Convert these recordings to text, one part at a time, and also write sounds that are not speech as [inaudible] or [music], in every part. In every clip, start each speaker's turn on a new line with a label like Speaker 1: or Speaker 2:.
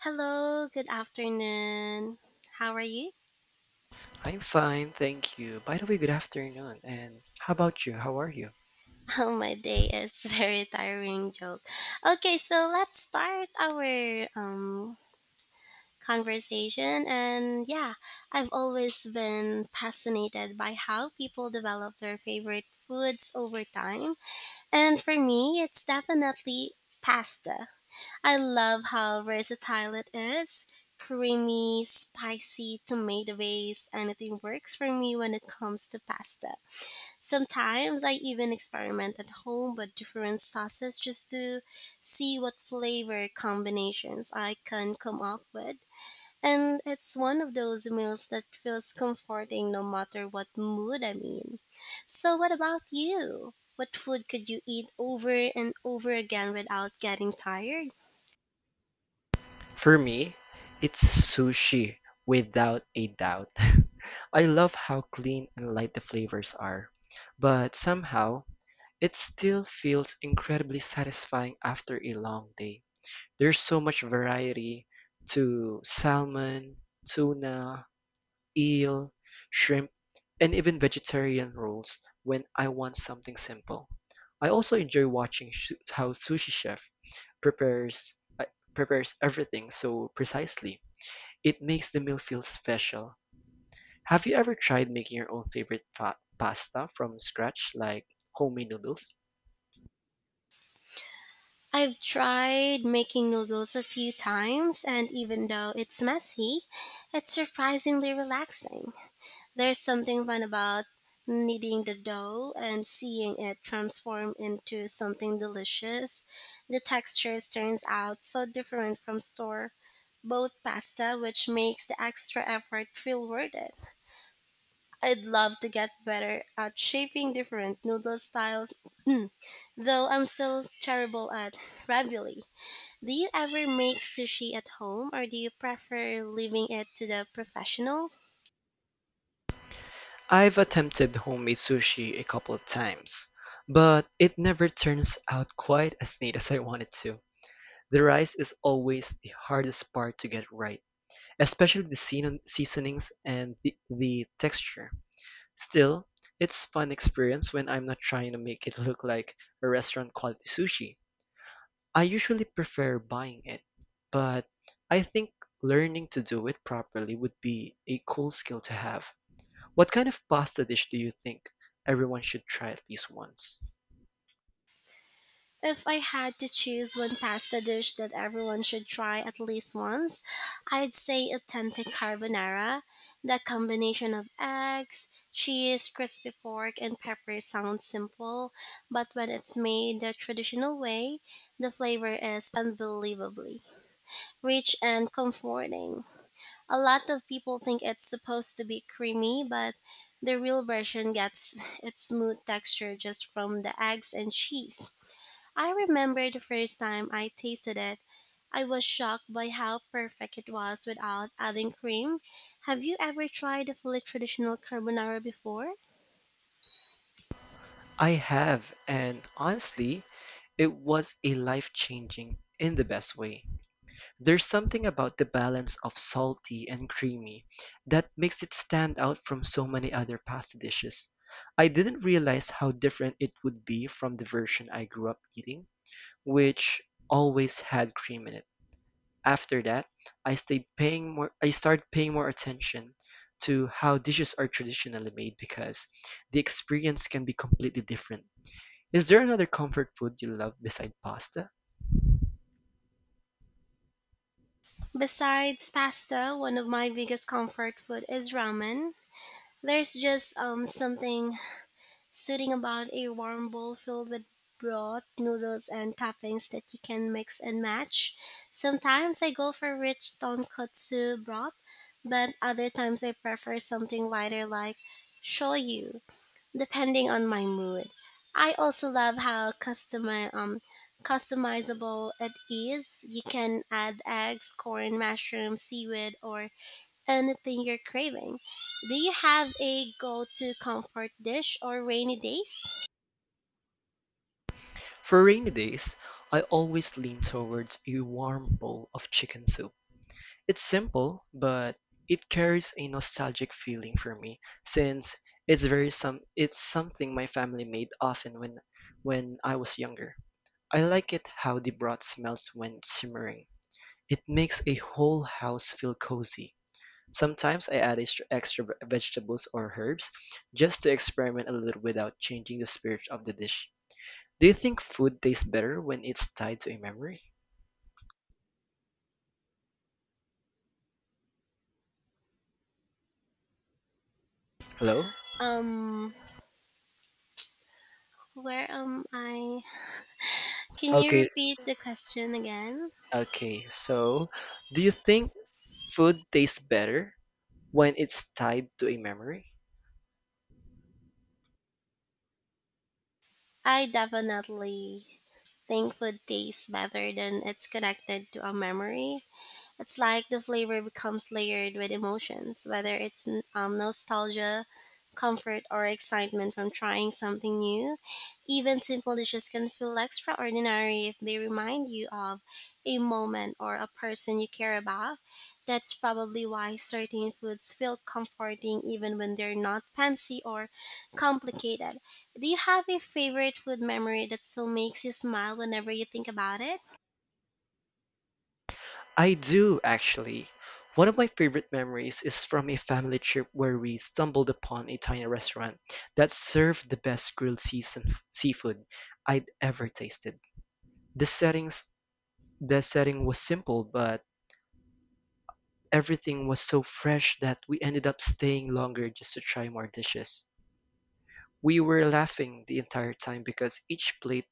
Speaker 1: Hello, good afternoon. How are you?
Speaker 2: I'm fine, thank you. By the way, good afternoon. And how about you? How are you?
Speaker 1: [laughs] Oh, my day is [laughs] very tiring joke. Okay, so let's start our conversation and yeah, I've always been fascinated by how people develop their favorite foods over time. And for me, it's definitely pasta. I love how versatile it is. Creamy, spicy, tomato based, anything works for me when it comes to pasta. Sometimes I even experiment at home with different sauces just to see what flavor combinations I can come up with. And it's one of those meals that feels comforting no matter what mood I'm in. So, what about you? What food could you eat over and over again without getting tired?
Speaker 2: For me, it's sushi without a doubt. [laughs] I love how clean and light the flavors are, but somehow it still feels incredibly satisfying after a long day. There's so much variety to salmon, tuna, eel, shrimp, and even vegetarian rolls when I want something simple. I also enjoy watching how Sushi Chef prepares uh, prepares everything so precisely. It makes the meal feel special. Have you ever tried making your own favorite pasta from scratch, like homemade noodles?
Speaker 1: I've tried making noodles a few times, and even though it's messy, it's surprisingly relaxing. There's something fun about kneading the dough and seeing it transform into something delicious. The textures turns out so different from store bought pasta, which makes the extra effort feel worth it. I'd love to get better at shaping different noodle styles, though I'm still terrible at ravioli. Do you ever make sushi at home or do you prefer leaving it to the professional?
Speaker 2: I've attempted homemade sushi a couple of times, but it never turns out quite as neat as I wanted to. The rice is always the hardest part to get right, especially the seasonings and the texture. Still, it's a fun experience when I'm not trying to make it [laughs] look like a restaurant quality sushi. I usually prefer buying it, but I think learning to do it properly would be a cool skill to have. What kind of pasta dish do you think everyone should try at least once?
Speaker 1: If I had to choose one pasta dish that everyone should try at least once, I'd say authentic carbonara. The combination of eggs, cheese, crispy pork, and pepper sounds simple, but when it's made the traditional way, the flavor is unbelievably rich and comforting. A lot of people think it's supposed to be creamy, but the real version gets [laughs] its smooth texture just from the eggs and cheese. I remember the first time I tasted it. I was shocked by how perfect it was without adding cream. Have you ever tried a fully traditional carbonara before?
Speaker 2: I have, and honestly, it was a life changing in the best way. There's something about the balance of salty and creamy that makes it stand out from so many other pasta dishes. I didn't realize how different it would be from the version I grew up eating, which always had cream in it. After that, I started paying more attention to how dishes are traditionally made because the experience can be completely different. Is there another comfort food you love beside pasta?
Speaker 1: Besides pasta, one of my biggest comfort food is ramen. There's just something soothing about a warm bowl filled with broth, noodles, and toppings that you can mix and match. Sometimes I go for rich tonkotsu broth, but other times I prefer something lighter like shoyu depending on my mood. I also love how customizable it is. You can add eggs, corn, mushrooms, seaweed, or anything you're craving. Do you have a go-to comfort dish or rainy days?
Speaker 2: For rainy days, I always lean towards a warm bowl of chicken soup. It's simple, but it carries a nostalgic feeling for me since it's something my family made often when I was younger. I like it how the broth smells when it's simmering. It makes a whole house feel cozy. Sometimes I add extra vegetables or herbs just to experiment a little without changing the spirit of the dish. Do you think food tastes better when it's tied to a memory? Hello?
Speaker 1: Um, where am I? Can you
Speaker 2: Okay,
Speaker 1: repeat the question again?
Speaker 2: okay. So, do you think food tastes better when it's tied to a memory?
Speaker 1: I definitely think food tastes better than it's connected to a memory. It's like the flavor becomes layered with emotions, whether it's nostalgia, comfort, or excitement from trying something new. Even simple dishes can feel extraordinary if they remind you of a moment or a person you care about. That's probably why certain foods feel comforting even when they're not fancy or complicated. Do you have a favorite food memory that still makes you smile whenever you think about it?
Speaker 2: I do, actually. One of my favorite memories is from a family trip where we stumbled upon a tiny restaurant that served the best grilled season seafood I'd ever tasted. The settings The setting was simple, but everything was so fresh that we ended up staying longer just to try more dishes. We were laughing the entire time because each plate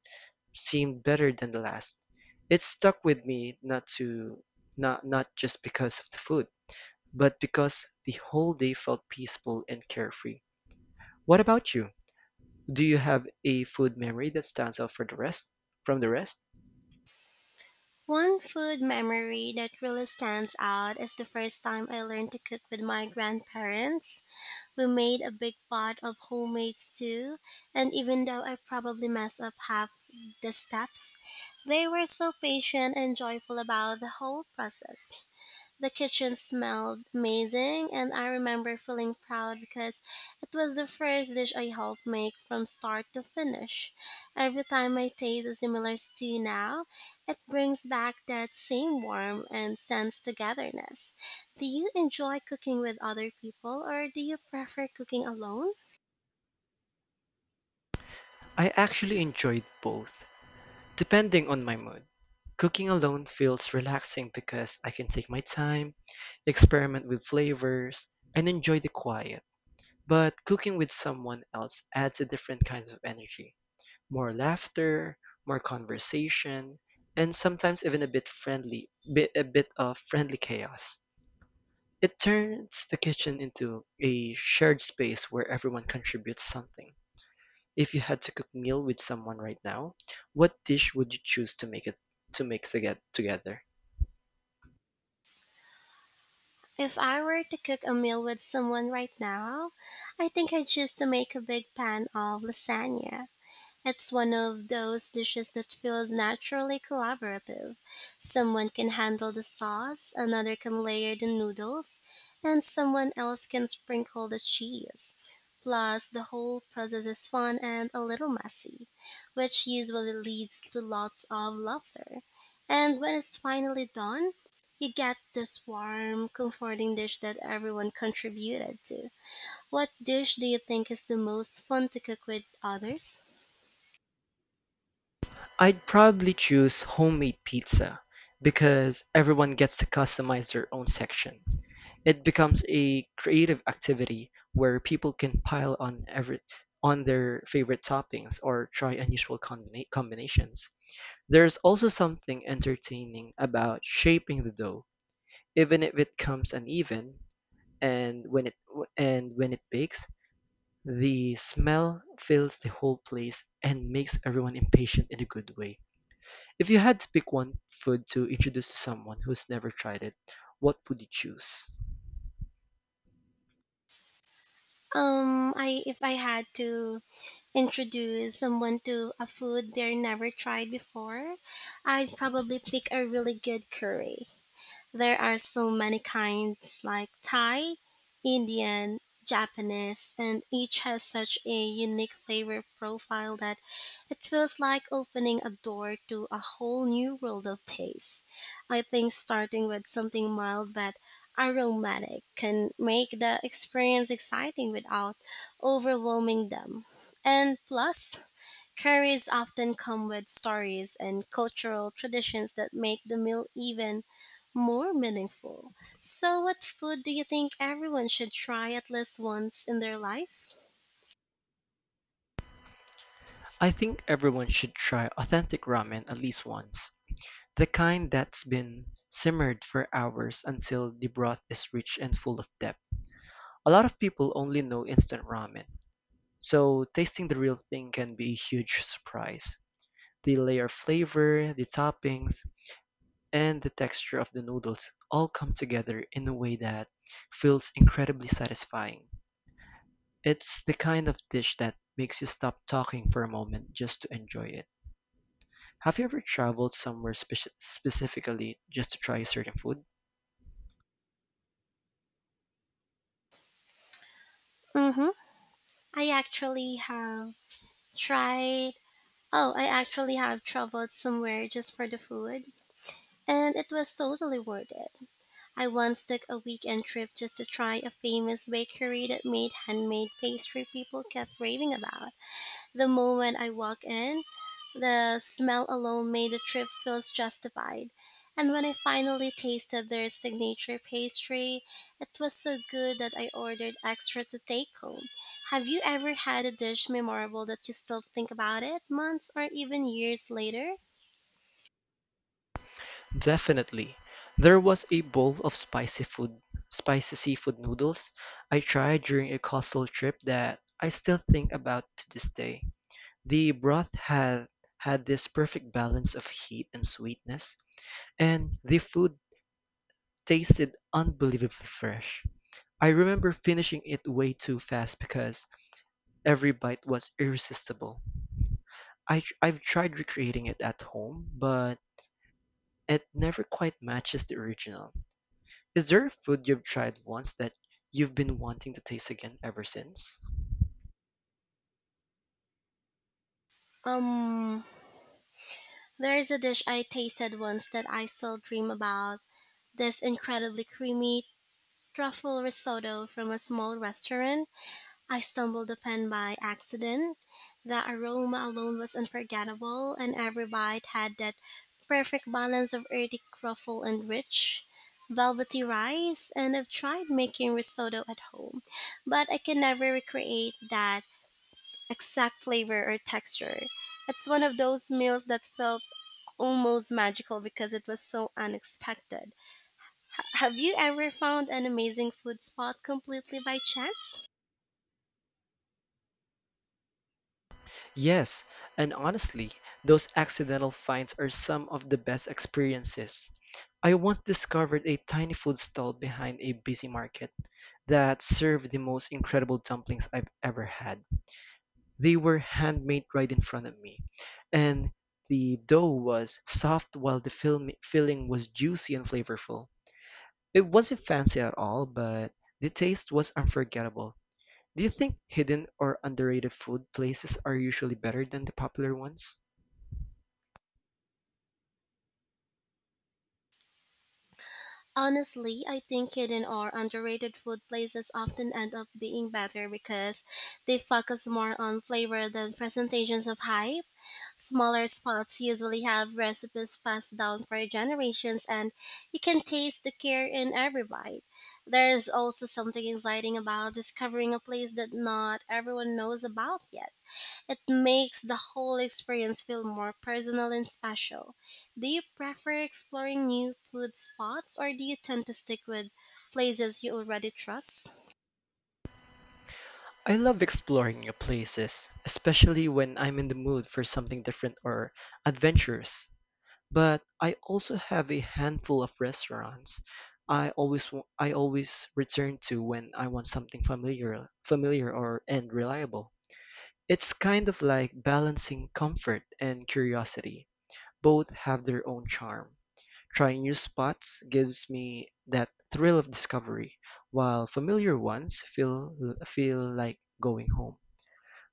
Speaker 2: seemed better than the last. It stuck with me not to not not just because of the food, but because the whole day felt peaceful and carefree. What about you? Do you have a food memory that stands out for the rest from the rest?
Speaker 1: One food memory that really stands out is the first time I learned to cook with my grandparents. We made a big pot of homemade stew, and even though I probably messed up half the steps, they were so patient and joyful about the whole process. The kitchen smelled amazing, and I remember feeling proud because it was the first dish I helped make from start to finish. Every time I taste a similar stew now, it brings back that same warmth and sense togetherness. Do you enjoy cooking with other people, or do you prefer cooking alone?
Speaker 2: I actually enjoyed both. Depending on my mood, cooking alone feels relaxing because I can take my time, experiment with flavors, and enjoy the quiet. But cooking with someone else adds a different kind of energy. More laughter, more conversation, and sometimes even a bit of friendly chaos. It turns the kitchen into a shared space where everyone contributes something. If you had to cook meal with someone right now, what dish would you choose to get together?
Speaker 1: If I were to cook a meal with someone right now, I think I'd choose to make a big pan of lasagna. It's one of those dishes that feels naturally collaborative. Someone can handle the sauce, another can layer the noodles, and someone else can sprinkle the cheese. Plus, the whole process is fun and a little messy, which usually leads to lots of laughter. And when it's finally done, you get this warm, comforting dish that everyone contributed to. What dish do you think is the most fun to cook with others?
Speaker 2: I'd probably choose homemade pizza because everyone gets to customize their own section. It becomes a creative activity where people can pile on every on their favorite toppings or try unusual combinations. There's also something entertaining about shaping the dough, even if it comes uneven, and when it and when it bakes, the smell fills the whole place and makes everyone impatient in a good way. If you had to pick one food to introduce to someone who's never tried it, what would you choose?
Speaker 1: I If I had to introduce someone to a food they're never tried before, I'd probably pick a really good curry. There are so many kinds like Thai, Indian, Japanese, and each has such a unique flavor profile that it feels like opening a door to a whole new world of taste. I think starting with something mild but aromatic can make the experience exciting without overwhelming them. And plus, curries often come with stories and cultural traditions that make the meal even more meaningful. So, what food do you think everyone should try at least once in their life?
Speaker 2: I think everyone should try authentic ramen at least once. The kind that's been simmered for hours until the broth is rich and full of depth. A lot of people only know instant ramen, so tasting the real thing can be a huge surprise. The layer of flavor, the toppings, and the texture of the noodles all come together in a way that feels incredibly satisfying. It's the kind of dish that makes you stop talking for a moment just to enjoy it. Have you ever traveled somewhere specifically just to try a certain food?
Speaker 1: Mm-hmm. I actually have tried. Oh, I actually have traveled somewhere just for the food, and it was totally worth it. I once took a weekend trip just to try a famous bakery that made handmade pastry people kept raving about. The moment I walk in, the smell alone made the trip feels justified. And when I finally tasted their signature pastry, it was so good that I ordered extra to take home. Have you ever had a dish memorable that you still think about it months or even years later?
Speaker 2: Definitely. There was a bowl of spicy seafood noodles I tried during a coastal trip that I still think about to this day. The broth had this perfect balance of heat and sweetness, and the food tasted unbelievably fresh. I remember finishing it way too fast because every bite was irresistible. I've tried recreating it at home, but it never quite matches the original. Is there a food you've tried once that you've been wanting to taste again ever since?
Speaker 1: Um, there is a dish I tasted once that I still dream about. This incredibly creamy truffle risotto from a small restaurant I stumbled upon by accident. The aroma alone was unforgettable, and every bite had that perfect balance of earthy truffle and rich, velvety rice. And I've tried making risotto at home, but I can never recreate that exact flavor or texture. It's one of those meals that felt almost magical because it was so unexpected. Have you ever found an amazing food spot completely by chance?
Speaker 2: Yes, and honestly, those accidental finds are some of the best experiences. I once discovered a tiny food stall behind a busy market that served the most incredible dumplings I've ever had. They were handmade right in front of me, and the dough was soft while the filling was juicy and flavorful. It wasn't fancy at all, but the taste was unforgettable. Do you think hidden or underrated food places are usually better than the popular ones?
Speaker 1: Honestly, I think hidden or underrated food places often end up being better because they focus more on flavor than presentations of hype. Smaller spots usually have recipes passed down for generations and you can taste the care in every bite. There is also something exciting about discovering a place that not everyone knows about yet it makes the whole experience feel more personal and special. Do you prefer exploring new food spots or do you tend to stick with places you already trust?
Speaker 2: I love exploring new places, especially when I'm in the mood for something different or adventurous. But I also have a handful of restaurants I always return to when I want something familiar or and reliable. It's kind of like balancing comfort and curiosity. Both have their own charm. Trying new spots gives me that thrill of discovery, while familiar ones feel like going home.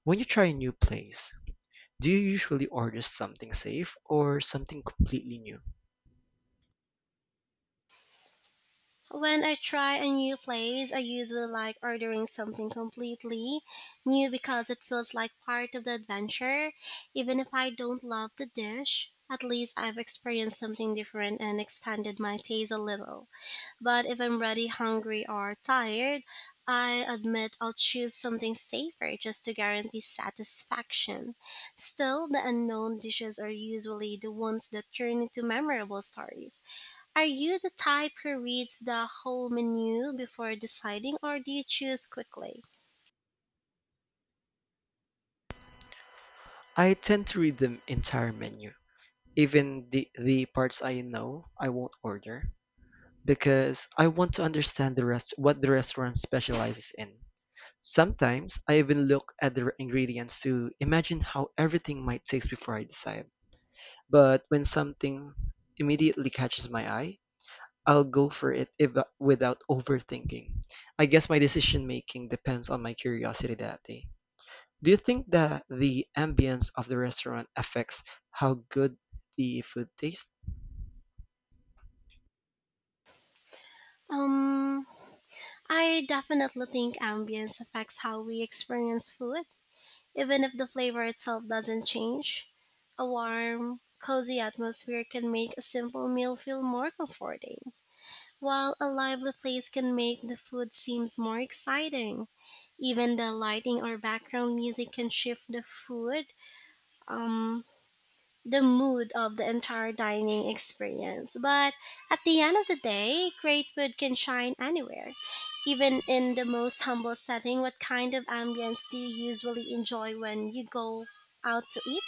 Speaker 2: When you try a new place, do you usually order something safe or something completely new?
Speaker 1: When I try a new place, I usually like ordering something completely new because it feels like part of the adventure. Even if I don't love the dish, at least I've experienced something different and expanded my taste a little. But if I'm ready, hungry, or tired, I admit I'll choose something safer just to guarantee satisfaction. Still, the unknown dishes are usually the ones that turn into memorable stories. Are you the type who reads the whole menu before deciding, or do you choose quickly?
Speaker 2: I tend to read the entire menu, even the parts I know I won't order, because I want to understand the rest what the restaurant specializes in. Sometimes I even look at the ingredients to imagine how everything might taste before I decide. But when something immediately catches my eye, I'll go for it if, without overthinking. I guess my decision making depends on my curiosity that day. Do you think that the ambience of the restaurant affects how good the food tastes?
Speaker 1: Um, I definitely think ambience affects how we experience food. Even if the flavor itself doesn't change, a warm, cozy atmosphere can make a simple meal feel more comforting, while a lively place can make the food seems more exciting. Even the lighting or background music can shift um, the mood of the entire dining experience. But at the end of the day, great food can shine anywhere. Even in the most humble setting, what kind of ambience do you usually enjoy when you go out to eat?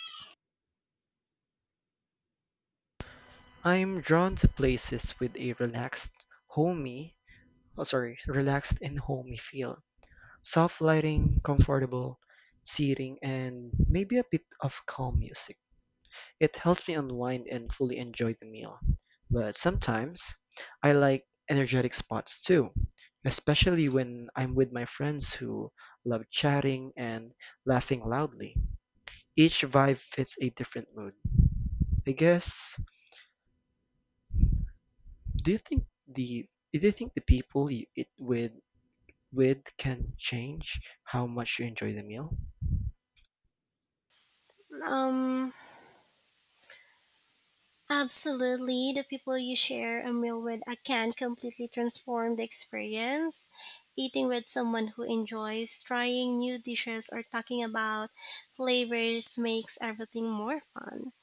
Speaker 2: I'm drawn to places with a homey, relaxed and homey feel. Soft lighting, comfortable seating, and maybe a bit of calm music. It helps me unwind and fully enjoy the meal. But sometimes I like energetic spots too, especially when I'm with my friends who love chatting and laughing loudly. Each vibe fits a different mood, I guess. Do you think the do you think the people you eat with can change how much you enjoy the meal?
Speaker 1: Um, Absolutely. The people you share a meal with can completely transform the experience. Eating with someone who enjoys trying new dishes or talking about flavors makes everything more fun.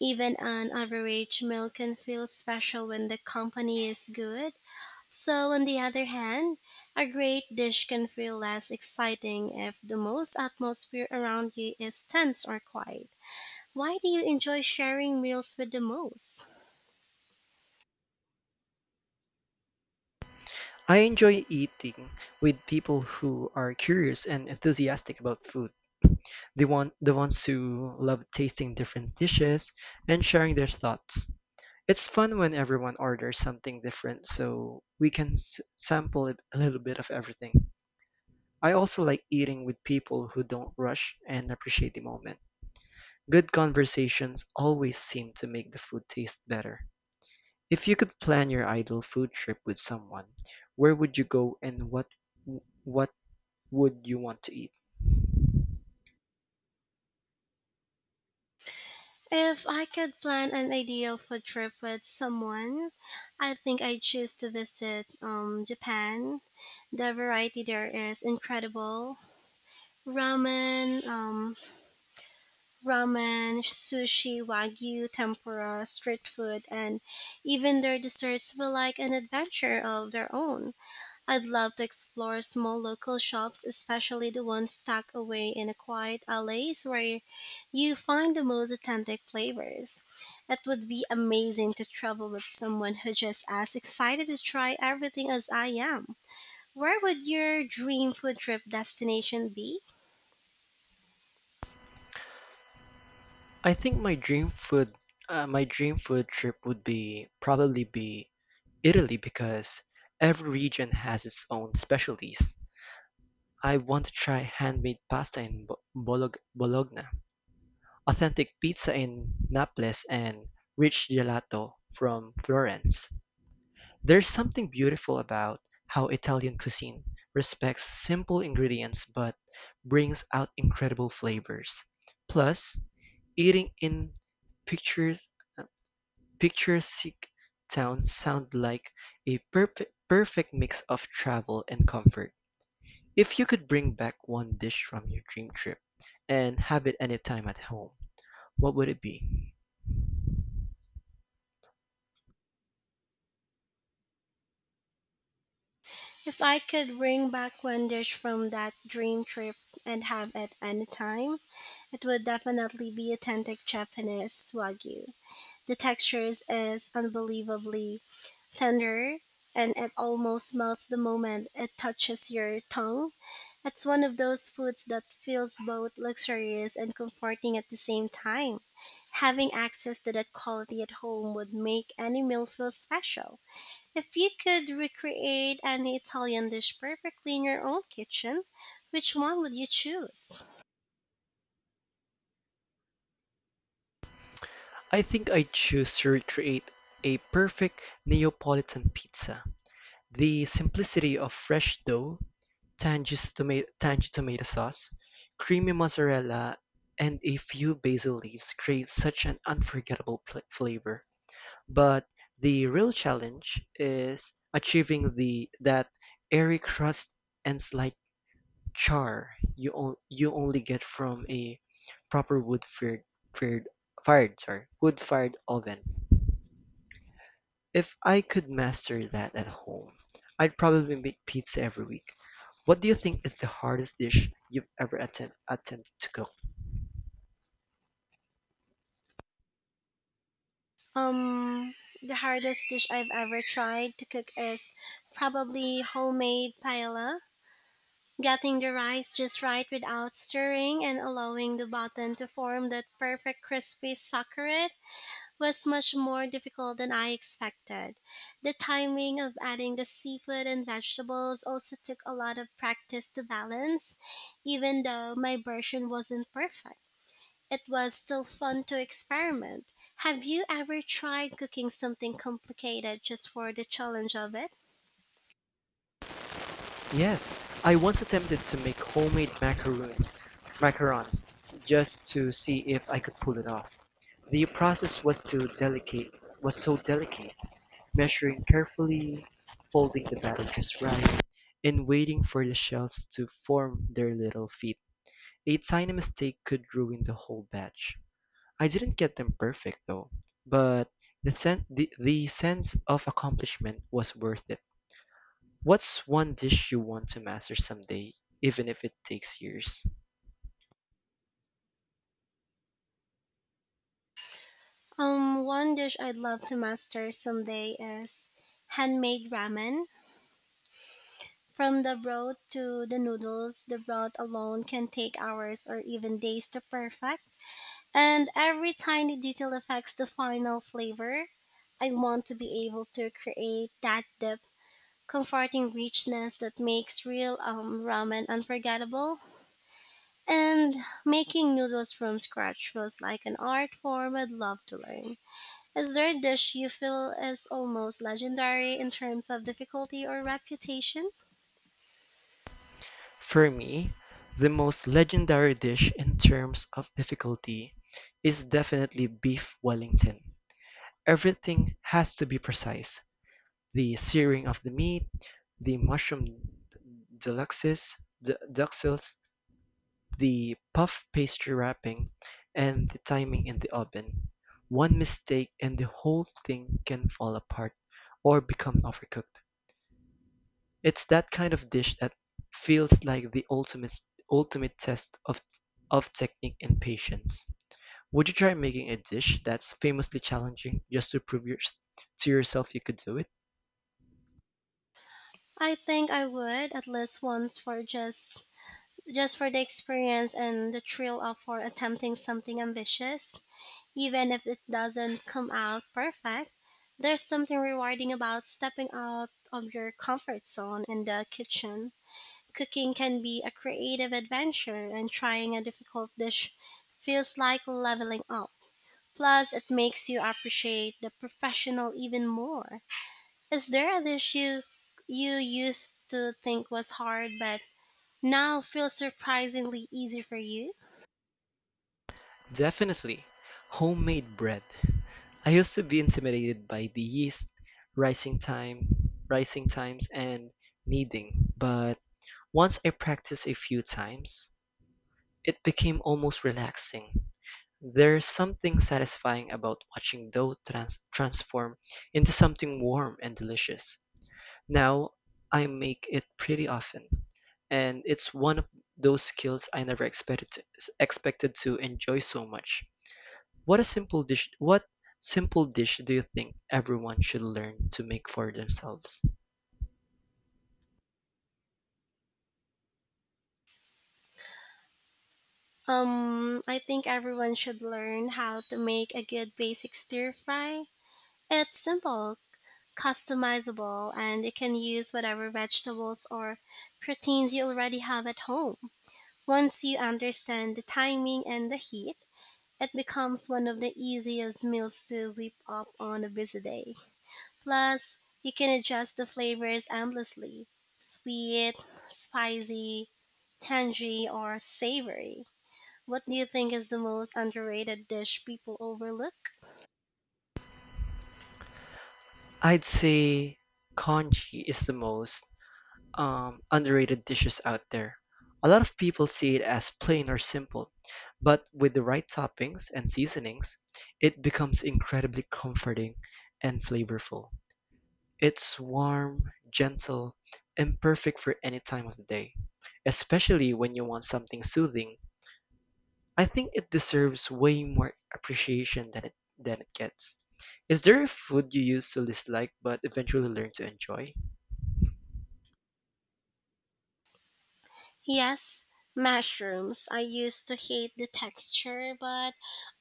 Speaker 1: Even an average meal can feel special when the company is good. So, on the other hand, a great dish can feel less exciting if the most atmosphere around you is tense or quiet. Why do you enjoy sharing meals with the most?
Speaker 2: I enjoy eating with people who are curious and enthusiastic about food. The ones who love tasting different dishes and sharing their thoughts. It's fun when everyone orders something different so we can sample a little bit of everything. I also like eating with people who don't rush and appreciate the moment. Good conversations always seem to make the food taste better. If you could plan your ideal food trip with someone, where would you go and what would you want to eat?
Speaker 1: If I could plan an ideal food trip with someone, I think I'd choose to visit Japan. The variety there is incredible. Ramen, um, Ramen, sushi, wagyu, tempura, street food, and even their desserts feel like an adventure of their own. I'd love to explore small local shops, especially the ones stuck away in a quiet alleys where you find the most authentic flavors. It would be amazing to travel with someone who's just as excited to try everything as I am. Where would your dream food trip destination be?
Speaker 2: I think my dream food, My dream food trip would be probably be Italy because every region has its own specialties. I want to try handmade pasta in Bologna, authentic pizza in Naples, and rich gelato from Florence. There's something beautiful about how Italian cuisine respects simple ingredients but brings out incredible flavors. Plus, eating in pictures picturesque town sound like a perfect mix of travel and comfort. If you could bring back one dish from your dream trip and have it anytime at home, what would it be?
Speaker 1: If I could bring back one dish from that dream trip and have it any time, it would definitely be authentic Japanese wagyu. The texture is unbelievably tender and it almost melts the moment it touches your tongue. It's one of those foods that feels both luxurious and comforting at the same time. Having access to that quality at home would make any meal feel special. If you could recreate any Italian dish perfectly in your own kitchen, which one would you choose?
Speaker 2: I think I'd choose to recreate a perfect Neapolitan pizza. The simplicity of fresh dough, tangy tomato sauce, creamy mozzarella, and a few basil leaves create such an unforgettable flavor. But the real challenge is achieving the that airy crust and slight char you only get from a proper wood fired fired fired sorry wood fired oven. If I could master that at home, I'd probably make pizza every week. What do you think is the hardest dish you've ever attempted to cook?
Speaker 1: Um, the hardest dish I've ever tried to cook is probably homemade paella. Getting the rice just right without stirring and allowing the bottom to form that perfect crispy succulent was much more difficult than I expected. The timing of adding the seafood and vegetables also took a lot of practice to balance, even though my version wasn't perfect. It was still fun to experiment. Have you ever tried cooking something complicated just for the challenge of it?
Speaker 2: Yes, I once attempted to make homemade macarons, just to see if I could pull it off. The process was too delicate, was so delicate, measuring carefully, folding the batter just right, and waiting for the shells to form their little feet. A tiny mistake could ruin the whole batch. I didn't get them perfect though, but the sense of accomplishment was worth it. What's one dish you want to master someday, even if it takes years?
Speaker 1: One dish I'd love to master someday is handmade ramen. From the broth to the noodles, the broth alone can take hours or even days to perfect, and every tiny detail affects the final flavor. I want to be able to create that deep, comforting richness that makes real ramen unforgettable. And making noodles from scratch feels like an art form I'd love to learn. Is there a dish you feel is almost legendary in terms of difficulty or reputation?
Speaker 2: For me, the most legendary dish in terms of difficulty is definitely beef Wellington. Everything has to be precise. The searing of the meat, the mushroom deluxes, the duxels, the puff pastry wrapping, and the timing in the oven. One mistake and the whole thing can fall apart or become overcooked. It's that kind of dish that feels like the ultimate test of technique and patience. Would you try making a dish that's famously challenging just to to yourself you could do it?
Speaker 1: I think I would at least once for just for the experience and the thrill of for attempting something ambitious, even if it doesn't come out perfect. There's something rewarding about stepping out of your comfort zone in the kitchen. Cooking can be a creative adventure, and trying a difficult dish feels like leveling up. Plus, it makes you appreciate the professional even more. Is there a dish you used to think was hard but now feels surprisingly easy for you.
Speaker 2: Definitely. Homemade bread. I used to be intimidated by the yeast, rising time, rising times and kneading, but once I practiced a few times, it became almost relaxing; there's something satisfying about watching dough transform into something warm and delicious. Now I make it pretty often, and it's one of those skills I never expected to enjoy so much. What a simple dish! What simple dish do you think everyone should learn to make for themselves?
Speaker 1: I think everyone should learn how to make a good basic stir fry. It's simple, customizable, and you can use whatever vegetables or proteins you already have at home. Once you understand the timing and the heat, it becomes one of the easiest meals to whip up on a busy day. Plus, you can adjust the flavors endlessly sweet, spicy, tangy or savory. What do you think is the most underrated dish people overlook?
Speaker 2: I'd say congee is the most underrated dishes out there. A lot of people see it as plain or simple, but with the right toppings and seasonings, it becomes incredibly comforting and flavorful. It's warm, gentle, and perfect for any time of the day, especially when you want something soothing. I think it deserves way more appreciation than it gets. Is there a food you used to dislike but eventually learned to enjoy?
Speaker 1: Yes, mushrooms. I used to hate the texture, but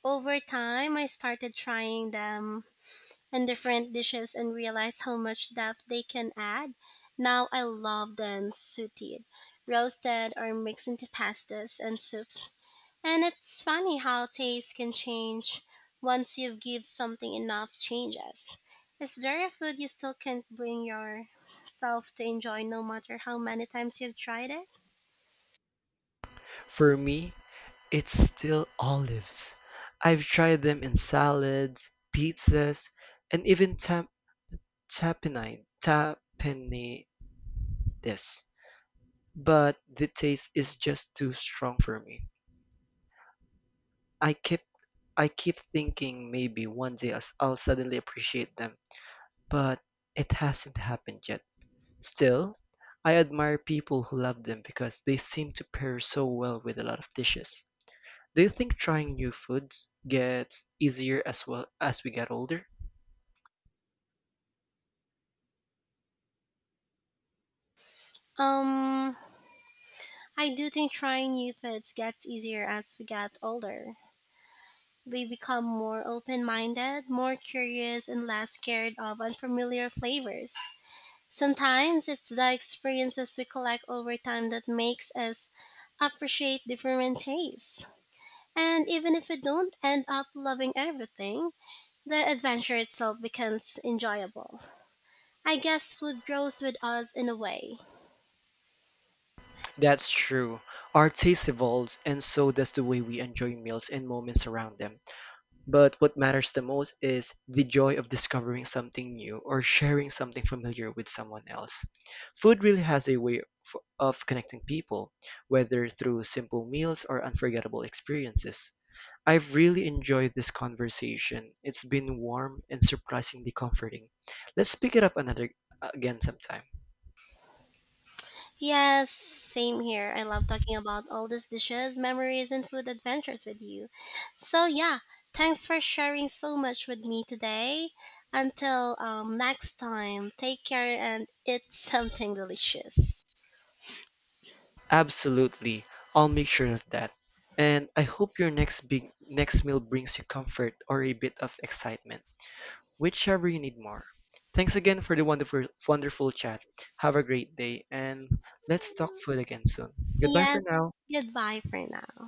Speaker 1: over time I started trying them in different dishes and realized how much depth they can add. Now I love them sauteed, roasted, or mixed into pastas and soups. And it's funny how taste can change once you give something enough changes. Is there a food you still can't bring yourself to enjoy no matter how many times you've tried it?
Speaker 2: For me, it's still olives. I've tried them in salads, pizzas, and even tapenades, but the taste is just too strong for me. I keep I keep thinking maybe one day I'll suddenly appreciate them, but it hasn't happened yet. Still, I admire people who love them because they seem to pair so well with a lot of dishes. Do you think trying new foods gets easier as well as we get older?
Speaker 1: Um, I do think trying new foods gets easier as we get older. We become more open minded, more curious, and less scared of unfamiliar flavors. Sometimes it's the experiences we collect over time that makes us appreciate different tastes. And even if you don't end up loving everything, the adventure itself becomes enjoyable. I guess food grows with us in a way.
Speaker 2: That's true. Our taste evolves, and so does the way we enjoy meals and moments around them. But what matters the most is the joy of discovering something new or sharing something familiar with someone else. Food really has a way of connecting people, whether through simple meals or unforgettable experiences. I've really enjoyed this conversation. It's been warm and surprisingly comforting. Let's pick it up another again sometime.
Speaker 1: Yes, same here. I love talking about all these dishes, memories, and food adventures with you. So, yeah, thanks for sharing so much with me today. Until next time, take care and eat [laughs] something delicious.
Speaker 2: Absolutely. I'll make sure of that. And I hope your next meal brings you comfort or a bit of excitement, whichever you need more. Thanks again for the wonderful chat. Have a great day and let's talk food again soon. Goodbye for
Speaker 1: Yes,
Speaker 2: now.
Speaker 1: goodbye for now.